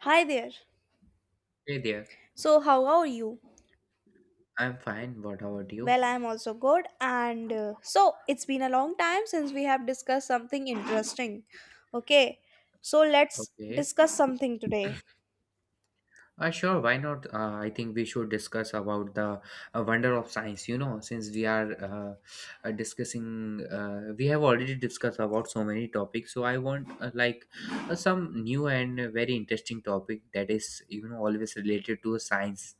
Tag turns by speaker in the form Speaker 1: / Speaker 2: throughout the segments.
Speaker 1: Hi there.
Speaker 2: Hey there.
Speaker 1: So, how are you?
Speaker 2: I'm fine. What about you?
Speaker 1: Well, I'm also good. And so, it's been a long time since we have discussed something interesting. Okay. So, let's
Speaker 2: Okay.
Speaker 1: discuss something today.
Speaker 2: Sure. Why not? I think we should discuss about the wonder of science. Since we are discussing, we have already discussed about so many topics. So I want like some new and very interesting topic that is, you know, always related to science.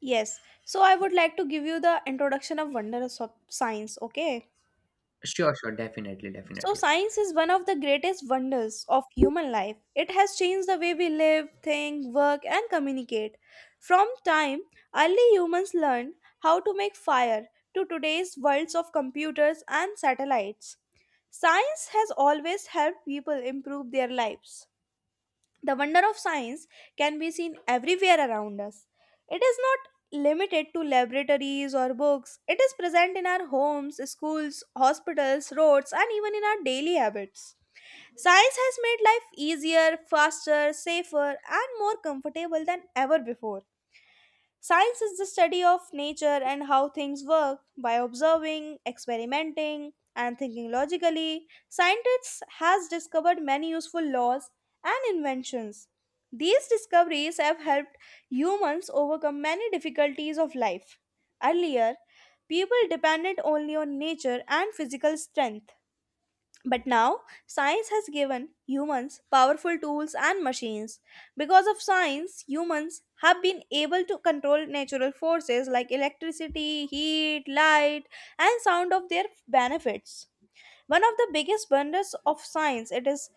Speaker 1: Yes. So, I would like to give you the introduction of wonders of science. Okay.
Speaker 2: Sure, sure. Definitely,
Speaker 1: So,
Speaker 2: definitely.
Speaker 1: science is one of the greatest wonders of human life. It has changed the way we live, think, work, and communicate. From time, early humans learned how to make fire to today's worlds of computers and satellites. Science has always helped people improve their lives. The wonder of science can be seen everywhere around us. It is not limited to laboratories or books. It is present in our homes, schools, hospitals, roads, and even in our daily habits. Science has made life easier, faster, safer, and more comfortable than ever before. Science is the study of nature and how things work. By observing, experimenting, and thinking logically, scientists has discovered many useful laws and inventions. These discoveries have helped humans overcome many difficulties of life. Earlier, people depended only on nature and physical strength. But now, science has given humans powerful tools and machines. Because of science, humans have been able to control natural forces like electricity, heat, light, and sound of their benefits. One of the biggest wonders of science it is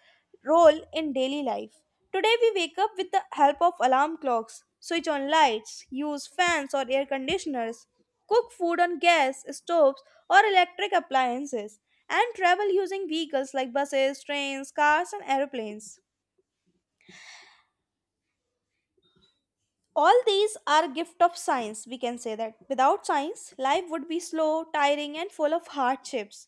Speaker 1: role in daily life. Today we wake up with the help of alarm clocks, switch on lights, use fans or air conditioners, cook food on gas, stoves or electric appliances, and travel using vehicles like buses, trains, cars and airplanes. All these are gift of science. We can say that without science life would be slow, tiring and full of hardships.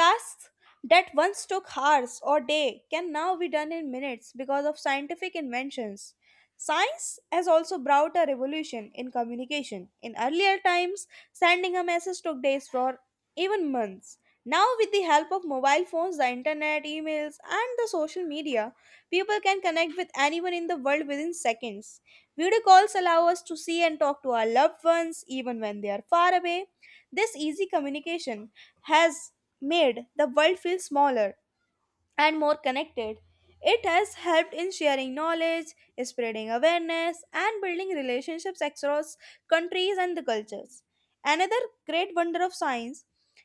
Speaker 1: Tasks that once took hours or day can now be done in minutes because of scientific inventions. Science has also brought a revolution in communication. In earlier times, sending a message took days for even months. Now, with the help of mobile phones, the internet, emails, and the social media, people can connect with anyone in the world within seconds. Video calls allow us to see and talk to our loved ones even when they are far away. This easy communication has made the world feel smaller and more connected. It has helped in sharing knowledge, spreading awareness, and building relationships across countries and the cultures. Another great wonder of science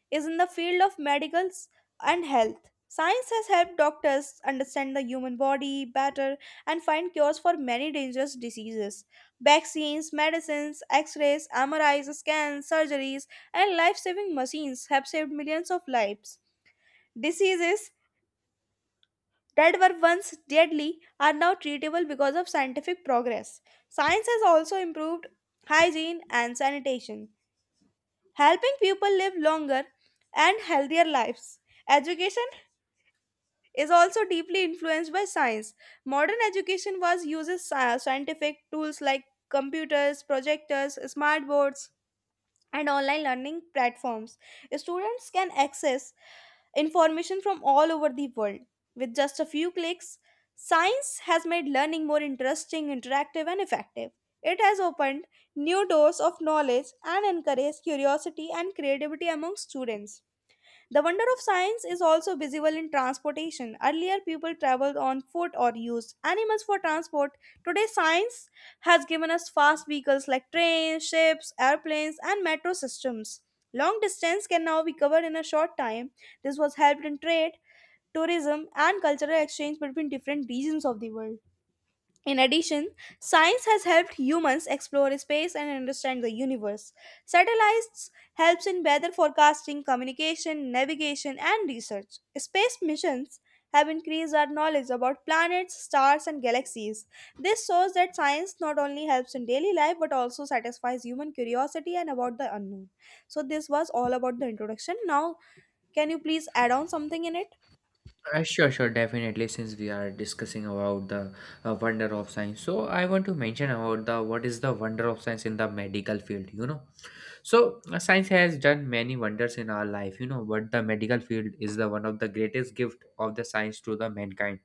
Speaker 1: is in the field of medicals and health. Science has helped doctors understand the human body better and find cures for many dangerous diseases. Vaccines, medicines, x rays, MRIs, scans, surgeries, and life saving machines have saved millions of lives. Diseases that were once deadly are now treatable because of scientific progress. Science has also improved hygiene and sanitation, helping people live longer and healthier lives. Education is also deeply influenced by science. Modern education was uses sci- scientific tools like computers, projectors, smart boards, and online learning platforms. Students can access information from all over the world with just a few clicks. Science has made learning more interesting, interactive, and effective. It has opened new doors of knowledge and encouraged curiosity and creativity among students. The wonder of science is also visible in transportation. Earlier, people traveled on foot or used animals for transport. Today, science has given us fast vehicles like trains, ships, airplanes, and metro systems. Long distance can now be covered in a short time. This was helped in trade, tourism, and cultural exchange between different regions of the world. In addition, science has helped humans explore space and understand the universe. Satellites helps in weather forecasting, communication, navigation and research. Space missions have increased our knowledge about planets, stars and galaxies. This shows that science not only helps in daily life but also satisfies human curiosity and about the unknown. So this was all about the introduction. Now, can you please add on something in it?
Speaker 2: Sure, sure, definitely. Since we are discussing about the wonder of science, so I want to mention about the what is the wonder of science in the medical field. So science has done many wonders in our life. You know, but the medical field is the one of the greatest gift of the science to the mankind.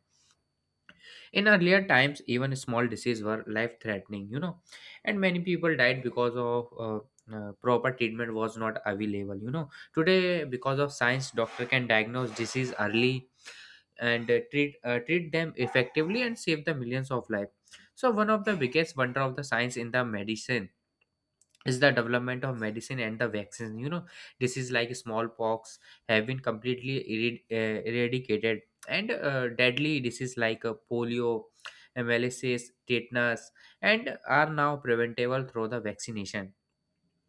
Speaker 2: In earlier times, even small diseases were life threatening, you know, and many people died because of proper treatment was not available, you know. Today, because of science, doctor can diagnose disease early and treat treat them effectively and save the millions of life. So, one of the biggest wonder of the science in the medicine is the development of medicine and the vaccine, you know. Disease like smallpox have been completely eradicated, and deadly disease like polio, mlss, tetanus, and are now preventable through the vaccination.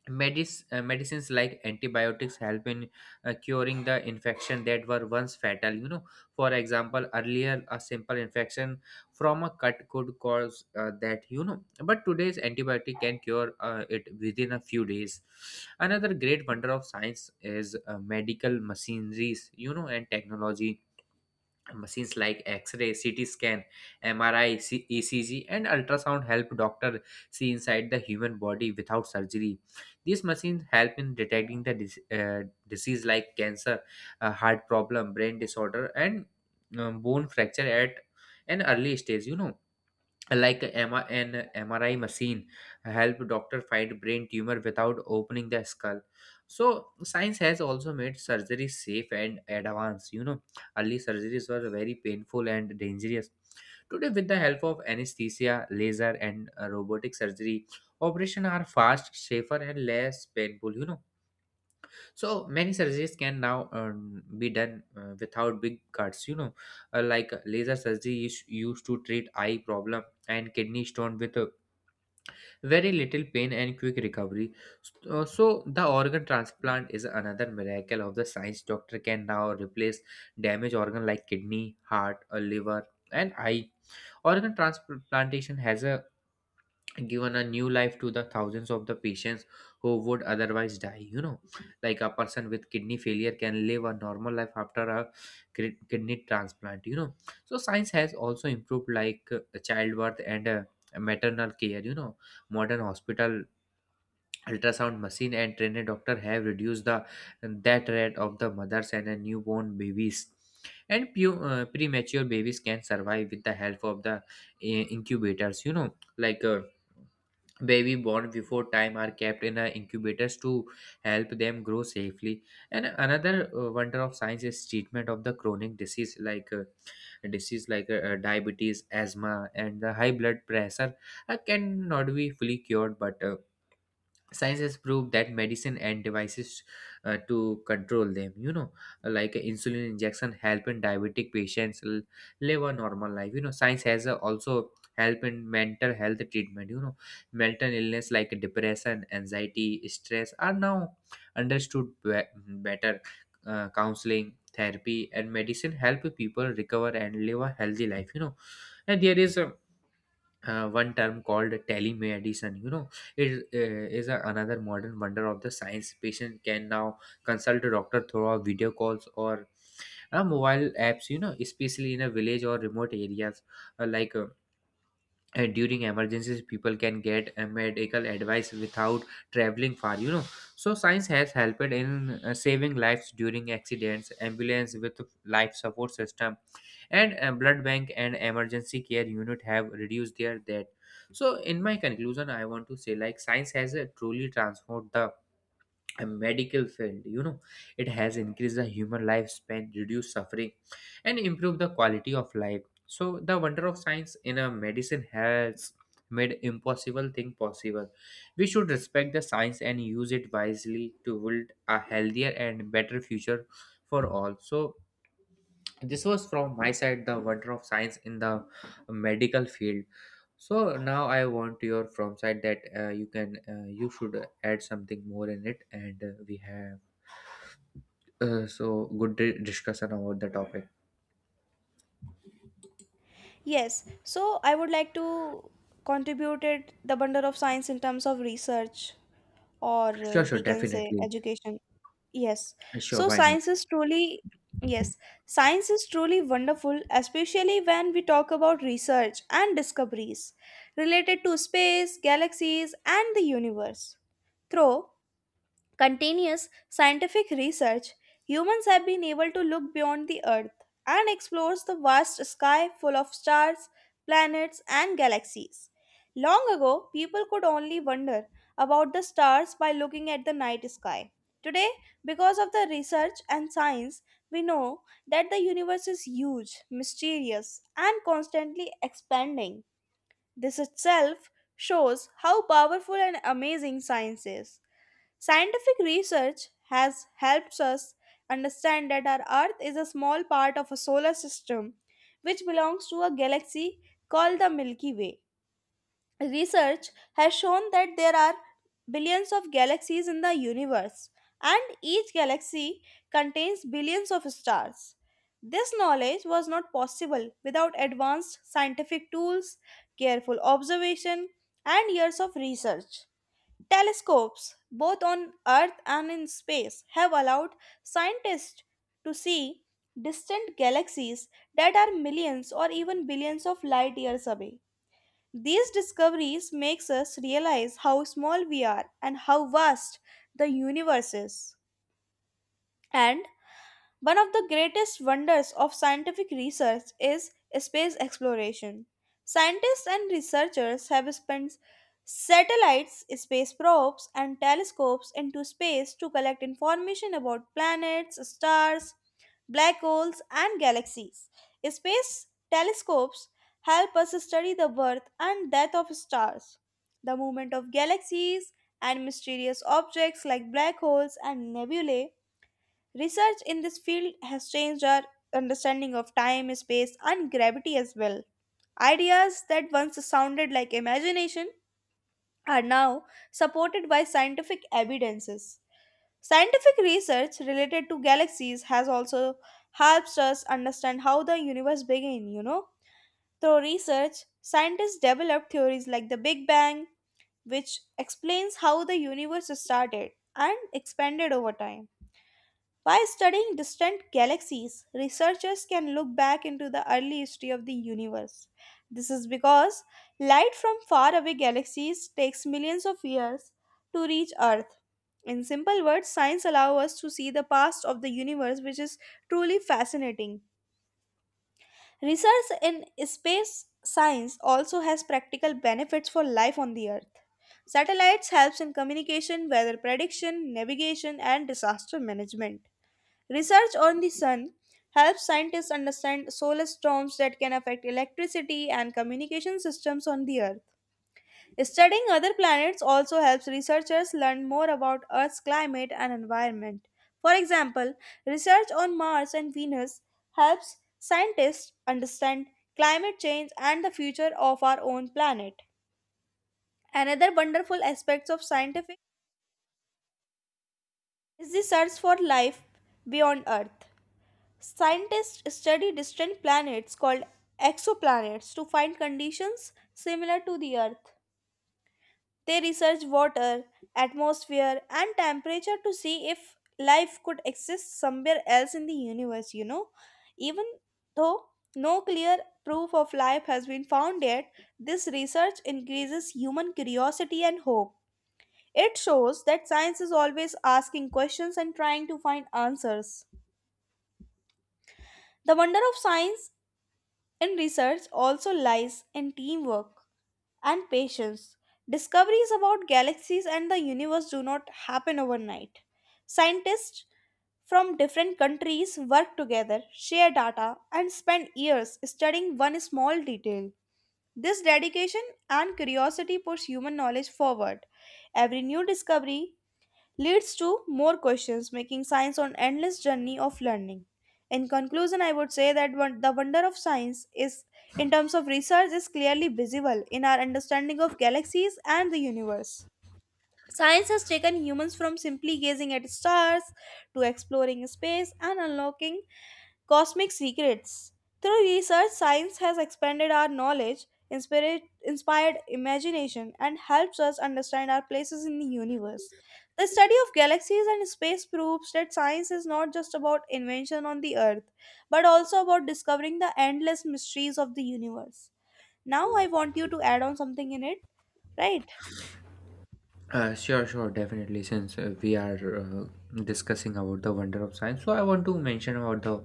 Speaker 2: Medicines like antibiotics help in curing the infection that were once fatal, you know. For example, earlier a simple infection from a cut could cause that, you know, but today's antibiotic can cure it within a few days. Another great wonder of science is medical machineries, you know, and technology. Machines like x-ray, ct scan, mri, ecg, and ultrasound help doctor see inside the human body without surgery. These machines help in detecting the disease like cancer, heart problem, brain disorder, and bone fracture at an early stage, you know. Like a M R an MRI machine help doctor find brain tumor without opening the skull. So science has also made surgery safe and advanced. You know, early surgeries were very painful and dangerous. Today, with the help of anesthesia, laser, and robotic surgery, operations are fast, safer, and less painful. You know, so many surgeries can now be done without big cuts. You know, laser surgery is used to treat eye problem and kidney stone with very little pain and quick recovery. So the organ transplant is another miracle of the science. Doctor can now replace damaged organ like kidney, heart, or liver, and eye. Organ transplantation has a given a new life to the thousands of the patients who would otherwise die, you know. Like a person with kidney failure can live a normal life after a kidney transplant, you know. So science has also improved like childbirth and maternal care, you know. Modern hospital, ultrasound machine, and trained doctor have reduced the that rate of the mothers and newborn babies, and premature babies can survive with the help of the incubators, you know. Like baby born before time are kept in incubators to help them grow safely. And another wonder of science is treatment of the chronic disease like diabetes, asthma, and the high blood pressure cannot be fully cured, but science has proved that medicine and devices to control them, you know. Like insulin injection help in diabetic patients live a normal life, you know. Science has also help in mental health treatment, you know. Mental illness like depression, anxiety, stress are now understood better. Counseling, therapy, and medicine help people recover and live a healthy life, you know. And there is a one term called telemedicine, you know. It is a, another modern wonder of the science. Patient can now consult a doctor through our video calls or mobile apps, you know, especially in a village or remote areas. uh, like uh, and during emergencies people can get medical advice without traveling far, you know. So science has helped in saving lives during accidents. Ambulance with life support system and blood bank and emergency care unit have reduced their death. So in my conclusion I want to say like science has truly transformed the a medical field, you know. It has increased the human lifespan, reduced suffering, and improved the quality of life. So the wonder of science in a medicine has made impossible thing possible. We should respect the science and use it wisely to build a healthier and better future for all. So this was from my side, the wonder of science in the medical field. So now I want your from side that you can you should add something more in it, and we have so good discussion about the topic.
Speaker 1: Yes, so I would like to contribute it the bundle of science in terms of research or
Speaker 2: Sure,
Speaker 1: uh,
Speaker 2: sure,
Speaker 1: we can say
Speaker 2: definitely.
Speaker 1: education. Yes,
Speaker 2: Sure,
Speaker 1: so
Speaker 2: why not?
Speaker 1: science is truly yes, Science is truly wonderful, especially when we talk about research and discoveries related to space, galaxies, and the universe. Through continuous scientific research, humans have been able to look beyond the Earth and explore the vast sky full of stars, planets, and galaxies. Long ago, people could only wonder about the stars by looking at the night sky. Today, because of the research and science, we know that the universe is huge, mysterious, and constantly expanding. This itself shows how powerful and amazing science is. Scientific research has helped us understand that our Earth is a small part of a solar system which belongs to a galaxy called the Milky Way. Research has shown that there are billions of galaxies in the universe, and each galaxy contains billions of stars. This knowledge was not possible without advanced scientific tools, careful observation, and years of research. Telescopes, both on Earth and in space, have allowed scientists to see distant galaxies that are millions or even billions of light years away. These discoveries makes us realize how small we are and how vast the universe is. And one of the greatest wonders of scientific research is space exploration. Scientists and researchers have spent satellites, space probes, and telescopes into space to collect information about planets, stars, black holes, and galaxies. Space telescopes help us study the birth and death of stars, the movement of galaxies, and mysterious objects like black holes and nebulae. Research in this field has changed our understanding of time, space, and gravity as well. Ideas that once sounded like imagination are now supported by scientific evidences. Scientific research related to galaxies has also helped us understand how the universe began. Through research, scientists developed theories like the Big Bang, which explains how the universe started and expanded over time. By studying distant galaxies, researchers can look back into the early history of the universe. This is because light from faraway galaxies takes millions of years to reach Earth. In simple words, science allows us to see the past of the universe, which is truly fascinating. Research in space science also has practical benefits for life on the Earth. Satellites helps in communication, weather prediction, navigation and disaster management. Research on the sun helps scientists understand solar storms that can affect electricity and communication systems on the Earth. Studying other planets also helps researchers learn more about Earth's climate and environment. For example, research on Mars and Venus helps scientists understand climate change and the future of our own planet. Another wonderful aspect of scientific is the search for life beyond Earth. Scientists study distant planets called exoplanets to find conditions similar to the Earth. They research water, atmosphere, and temperature to see if life could exist somewhere else in the universe. Even though no clear proof of life has been found yet, this research increases human curiosity and hope. It shows that science is always asking questions and trying to find answers. The wonder of science in research also lies in teamwork and patience. Discoveries about galaxies and the universe do not happen overnight. Scientists from different countries work together, share data, and spend years studying one small detail. This dedication and curiosity push human knowledge forward. Every new discovery leads to more questions, making science an endless journey of learning. In conclusion, I would say that one, the wonder of science is, in terms of research, is clearly visible in our understanding of galaxies and the universe. Science has taken humans from simply gazing at stars to exploring space and unlocking cosmic secrets. Through research, science has expanded our knowledge, inspired imagination, and helps us understand our places in the universe. The study of galaxies and space proves that science is not just about invention on the Earth, but also about discovering the endless mysteries of the universe. Now, I want you to add on something in it, right?
Speaker 2: Sure, sure, definitely. Since we are discussing about the wonder of science, so I want to mention about the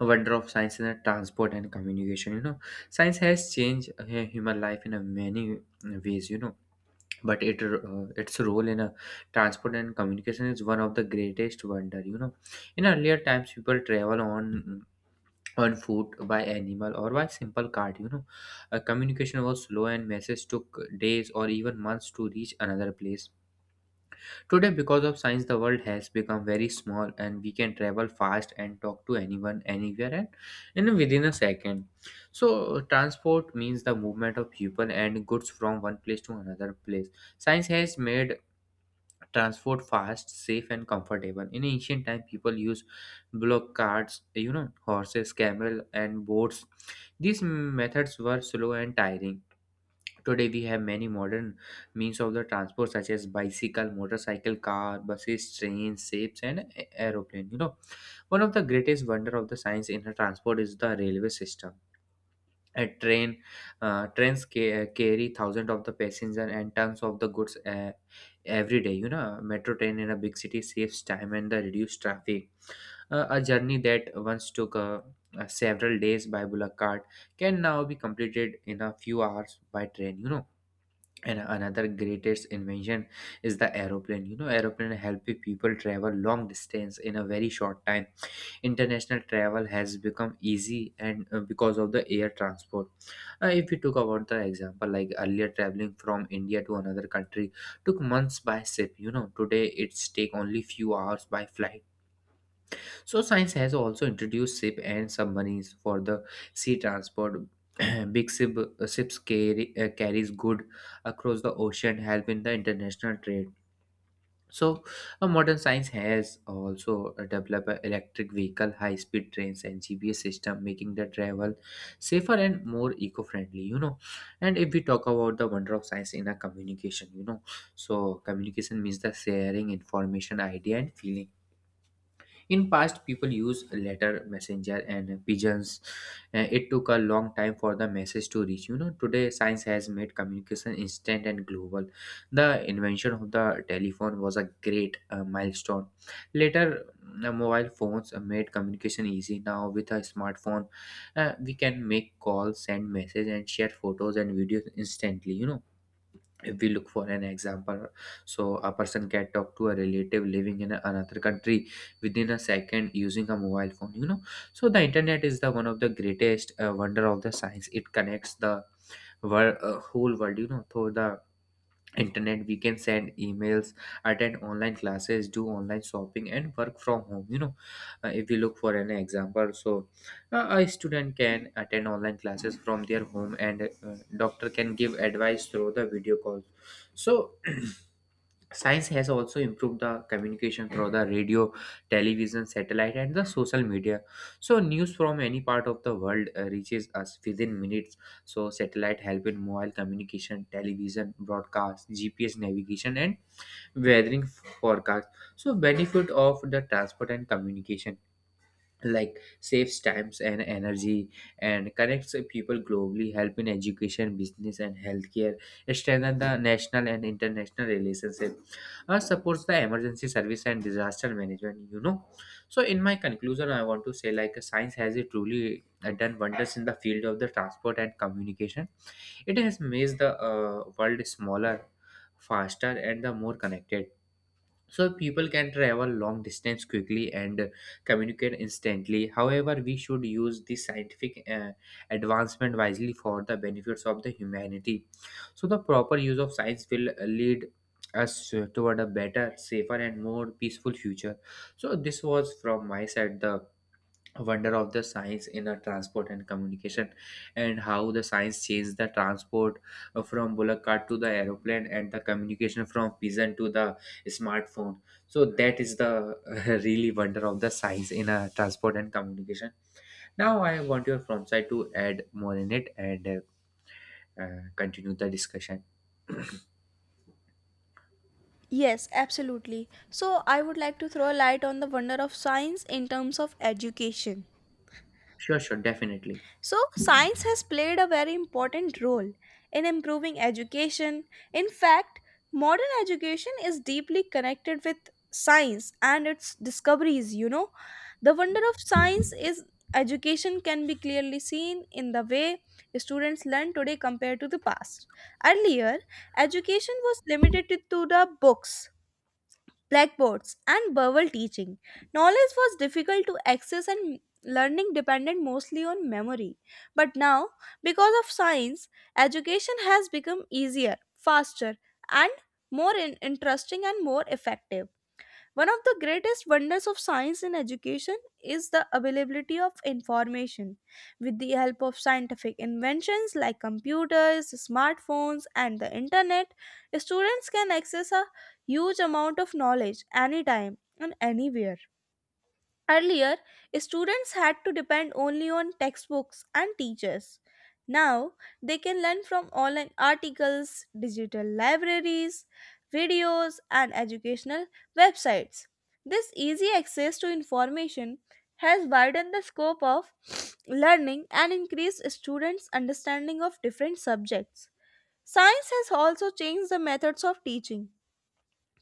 Speaker 2: wonder of science in the transport and communication. You know, science has changed human life in a many ways. You know, but it its role in a transport and communication is one of the greatest wonder. You know, in earlier times, people travel on foot, by animal, or by simple cart. You know, communication was slow and messages took days or even months to reach another place. Today, because of science, the world has become very small and we can travel fast and talk to anyone, anywhere, and in within a second. So, transport means the movement of people and goods from one place to another place. Science has made transport fast, safe, and comfortable. In ancient time, people used block carts, you know, horses, camel, and boats. These methods were slow and tiring. Today we have many modern means of the transport such as bicycle, motorcycle, car, buses, trains, ships, and aeroplane, you know. One of the greatest wonder of the science in the transport is the railway system. A train uh, trains carry thousands of the passengers and tons of the goods every day. You know, metro train in a big city saves time and the reduced traffic. A journey that once took several days by bullock cart can now be completed in a few hours by train. You know. And another greatest invention is the aeroplane. You know, aeroplane help people travel long distance in a very short time. International travel has become easy and because of the air transport. If we took about the example, like earlier, traveling from India to another country took months by ship, you know. Today it's take only few hours by flight. So science has also introduced ship and submarines for the sea transport. Big ship, ships carry, carries good across the ocean help in the international trade. So, a modern science has also developed a electric vehicle, high-speed trains, and GPS system, making the travel safer and more eco-friendly. You know, and if we talk about the wonder of science in a communication, you know, so communication means the sharing information, idea, and feeling. In past, people used letter, messenger, and pigeons. It took a long time for the message to reach. You know, today science has made communication instant and global. The invention of the telephone was a great milestone. Later, mobile phones made communication easy. Now, with a smartphone, we can make calls, send messages, and share photos and videos instantly. You know, if we look for an example, so a person can talk to a relative living in another country within a second using a mobile phone, you know. So the internet is the one of the greatest wonder of the science. It connects the world whole world, you know. Through the internet we can send emails, attend online classes, do online shopping, and work from home, you know. If we look for an example, so a student can attend online classes from their home, and doctor can give advice through the video calls. So science has also improved the communication through the radio, television, satellite, and the social media. So news from any part of the world reaches us within minutes. So satellite help in mobile communication, television broadcast, GPS navigation, and weathering forecast. So benefit of the transport and communication like saves times and energy, and connects people globally, help in education, business, and healthcare, strengthen the national and international relationship, supports the emergency service and disaster management. So in my conclusion, I want to say like science has it truly done wonders in the field of the transport and communication. It has made the world smaller, faster, and the more connected. So people can travel long distance quickly and communicate instantly. However, we should use the scientific advancement wisely for the benefits of the humanity. So the proper use of science will lead us toward a better, safer, and more peaceful future. So this was from my side, the wonder of the science in the transport and communication, and how the science changed the transport from bullock cart to the aeroplane, and the communication from pigeon to the smartphone. So that is the really wonder of the science in a transport and communication. Now I want your from side to add more in it and continue the discussion.
Speaker 1: Yes, absolutely. So, I would like to throw a light on the wonder of science in terms of education.
Speaker 2: Sure, sure, definitely.
Speaker 1: So, science has played a very important role in improving education. In fact, modern education is deeply connected with science and its discoveries. You know, the wonder of science is education can be clearly seen in the way students learn today compared to the past. Earlier, education was limited to the books, blackboards, and verbal teaching. Knowledge was difficult to access and learning depended mostly on memory. But now, because of science, education has become easier, faster, and more interesting and more effective. One of the greatest wonders of science in education is the availability of information. With the help of scientific inventions like computers, smartphones, and the internet, students can access a huge amount of knowledge anytime and anywhere. Earlier, students had to depend only on textbooks and teachers. Now, they can learn from online articles, digital libraries, videos, and educational websites. This easy access to information has widened the scope of learning and increased students' understanding of different subjects. Science has also changed the methods of teaching.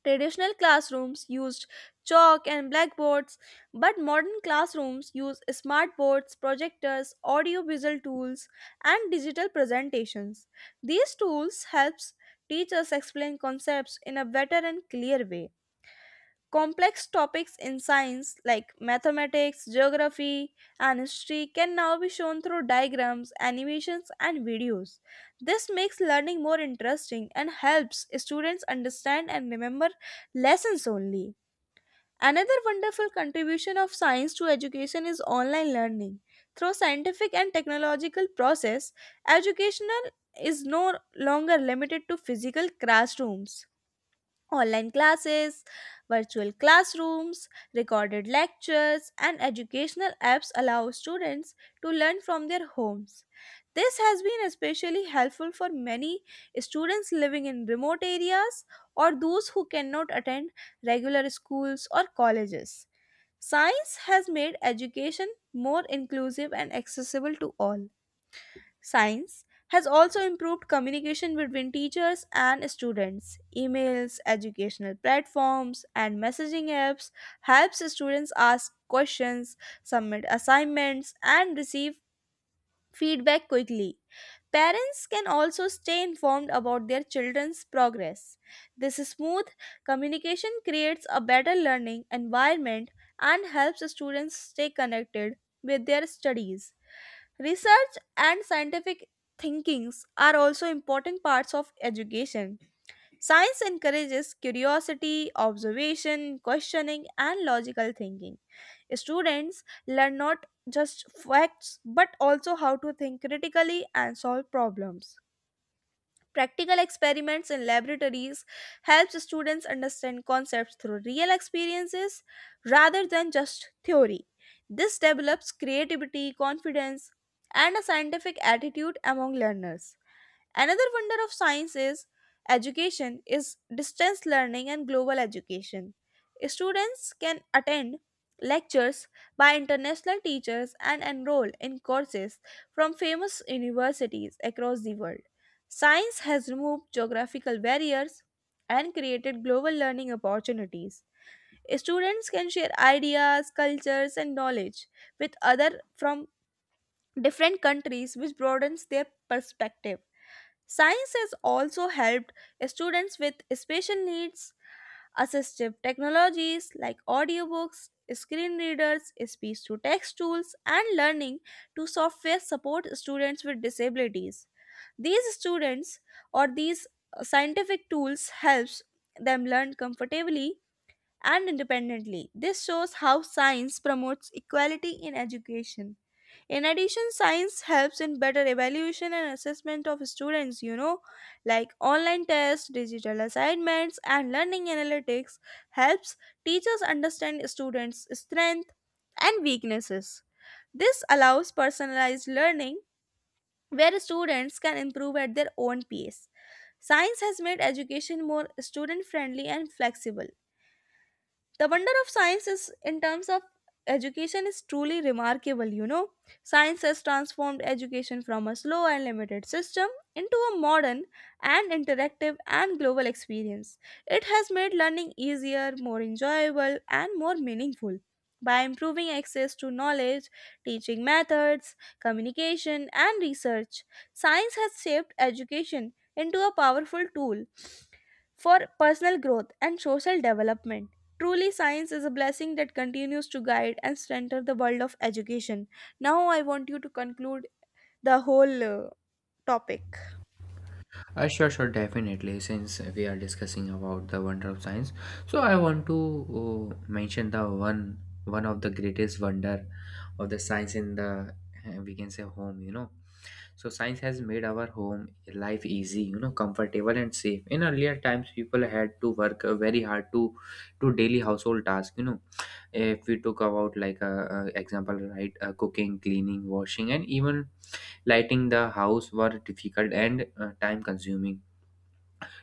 Speaker 1: Traditional classrooms used chalk and blackboards, but modern classrooms use smartboards, projectors, audio-visual tools, and digital presentations. These tools helps teachers explain concepts in a better and clear way. Complex topics in science like mathematics, geography, and history can now be shown through diagrams, animations, and videos. This makes learning more interesting and helps students understand and remember lessons only. Another wonderful contribution of science to education is online learning. Through scientific and technological process, educational is no longer limited to physical classrooms. Online classes, virtual classrooms, recorded lectures, and educational apps allow students to learn from their homes. This has been especially helpful for many students living in remote areas or those who cannot attend regular schools or colleges. Science has made education more inclusive and accessible to all. Science has also improved communication between teachers and students. Emails, educational platforms, and messaging apps helps students ask questions, submit assignments, and receive feedback quickly. Parents can also stay informed about their children's progress. This smooth communication creates a better learning environment and helps students stay connected with their studies. Research and scientific thinkings are also important parts of education. Science encourages curiosity, observation, questioning, and logical thinking. Students learn not just facts but also how to think critically and solve problems. Practical experiments in laboratories helps students understand concepts through real experiences rather than just theory. This develops creativity, confidence, and a scientific attitude among learners. Another wonder of science is education is distance learning and global education. Students can attend lectures by international teachers and enroll in courses from famous universities across the world. Science has removed geographical barriers and created global learning opportunities. Students can share ideas, cultures, and knowledge with other from different countries, which broadens their perspective. Science has also helped students with special needs. Assistive technologies like audiobooks, screen readers, speech to text tools, and learning to software support students with disabilities. These students or these scientific tools helps them learn comfortably and independently. This shows how science promotes equality in education. In addition, science helps in better evaluation and assessment of students, you know, like online tests, digital assignments, and learning analytics helps teachers understand students' strengths and weaknesses. This allows personalized learning where students can improve at their own pace. Science has made education more student friendly and flexible. The wonder of science is in terms of education is truly remarkable, you know. Science has transformed education from a slow and limited system into a modern and interactive and global experience. It has made learning easier, more enjoyable, and more meaningful. By improving access to knowledge, teaching methods, communication, and research, science has shaped education into a powerful tool for personal growth and social development. Truly, science is a blessing that continues to guide and strengthen the world of education. Now, I want you to conclude the whole topic.
Speaker 2: Sure, sure, definitely. Since we are discussing about the wonder of science, so I want to mention the one of the greatest wonder of the science in the, we can say, home. You know, so science has made our home life easy, you know, comfortable and safe. In earlier times, people had to work very hard to daily household tasks. You know, if we took about like a example, right, cooking, cleaning, washing, and even lighting the house were difficult and time consuming.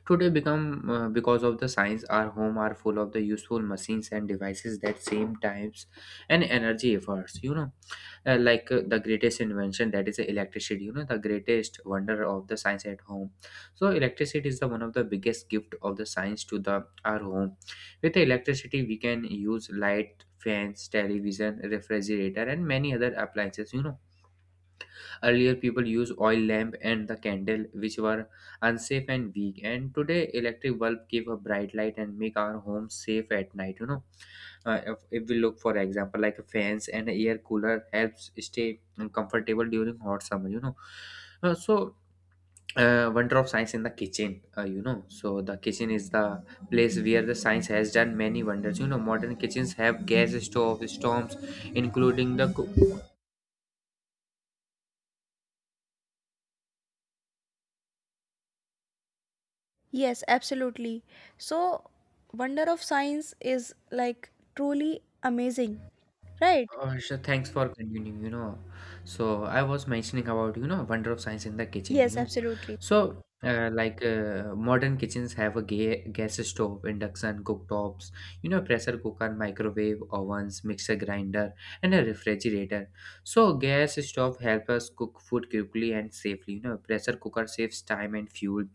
Speaker 2: Today, become because of the science, our home are full of the useful machines and devices that same times and energy efforts. You know, like the greatest invention that is the electricity. You know, the greatest wonder of the science at home. So, electricity is the one of the biggest gift of the science to the our home. With the electricity, we can use light, fans, television, refrigerator, and many other appliances, you know. Earlier, people used oil lamp and the candle, which were unsafe and weak. And today, electric bulb give a bright light and make our home safe at night. You know, if we look for example, like fans and air cooler helps stay comfortable during hot summer. Uh, so Wonder of science in the kitchen. You know, so the kitchen is the place where the science has done many wonders. You know, modern kitchens have gas stove, storms, including the cook.
Speaker 1: Yes, absolutely. So, wonder of science is like truly amazing, right?
Speaker 2: Sure, thanks for continuing, you know. So I was mentioning about, you know, wonder of science in the kitchen,
Speaker 1: Yes,
Speaker 2: you.
Speaker 1: absolutely.
Speaker 2: So like modern kitchens have a ga gas stove, induction, cooktops, you know, pressure cooker, microwave, ovens, mixer grinder, and a refrigerator. So gas stove help us cook food quickly and safely. You know, pressure cooker saves time and fuel,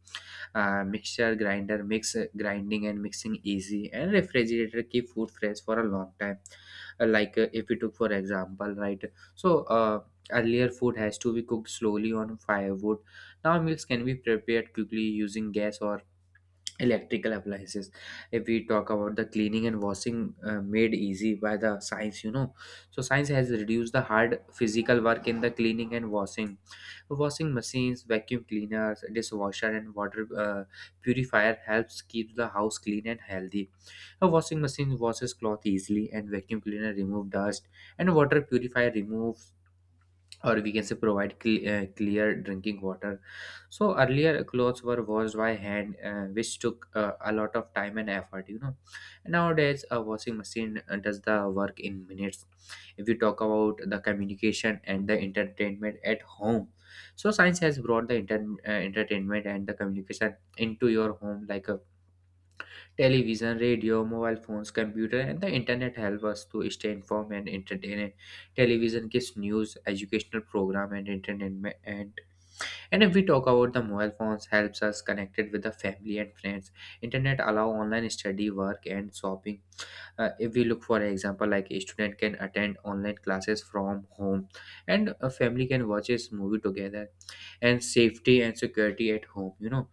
Speaker 2: mixture grinder makes grinding and mixing easy, and refrigerator keep food fresh for a long time. Like if we took for example, right, so uh, earlier food has to be cooked slowly on firewood. Now meals can be prepared quickly using gas or electrical appliances. If we talk about the cleaning and washing made easy by the science, you know, so science has reduced the hard physical work in the cleaning and washing. Washing machines, vacuum cleaners, dishwasher, and water purifier helps keep the house clean and healthy. A washing machine washes cloth easily, and vacuum cleaner remove dust, and water purifier remove, or we can say, provide clear drinking water. So earlier clothes were washed by hand, which took a lot of time and effort. You know, nowadays a washing machine does the work in minutes. If you talk about the communication and the entertainment at home, so science has brought the entertainment and the communication into your home like a television, radio, mobile phones, computer, and the internet help us to stay informed and entertained. Television gives news, educational program, and entertainment. And if we talk about the mobile phones, helps us connected with the family and friends. Internet allow online study, work, and shopping. If we look for example, like a student can attend online classes from home, and a family can watch a movie together, and safety and security at home. You know,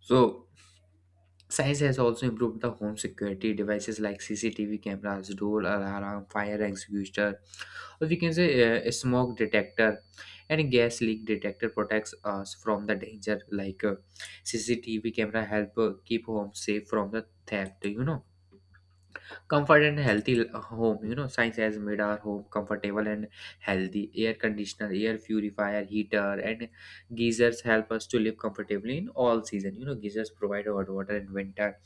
Speaker 2: so science has also improved the home security devices like CCTV cameras, door alarm, fire extinguisher, or we can say a smoke detector and a gas leak detector protects us from the danger. Like CCTV camera help keep home safe from the theft. You know, comfort and healthy home. You know, science has made our home comfortable and healthy. Air conditioner, air purifier, heater, and geysers help us to live comfortably in all season. You know, geysers provide hot water in winter,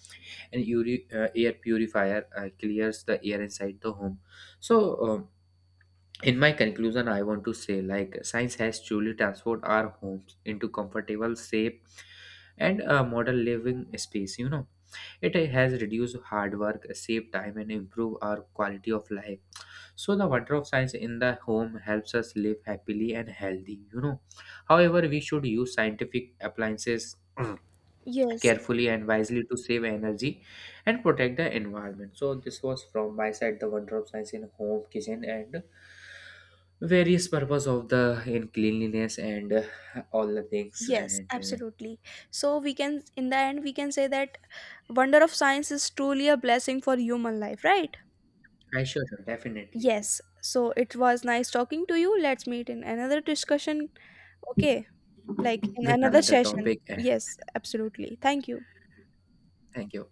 Speaker 2: and air purifier clears the air inside the home. So um, in my conclusion, I want to say like science has truly transformed our homes into comfortable, safe, and modern living space. You know, it has reduced hard work, save time, and improve our quality of life. So the wonder of science in the home helps us live happily and healthy. You know, however, we should use scientific appliances
Speaker 1: Yes,
Speaker 2: carefully and wisely to save energy and protect the environment. So this was from my side, the wonder of science in home, kitchen, and various purpose of the in cleanliness and all the things.
Speaker 1: yes,
Speaker 2: And
Speaker 1: absolutely. So, we can, in the end, we can say that wonder of science is truly a blessing for human life, right?
Speaker 2: I sure, sure, definitely,
Speaker 1: Yes. So, it was nice talking to you. Let's meet in another discussion. Okay. Like in
Speaker 2: with
Speaker 1: another
Speaker 2: another
Speaker 1: session.
Speaker 2: topic. And
Speaker 1: Yes, absolutely, thank you.
Speaker 2: thank you.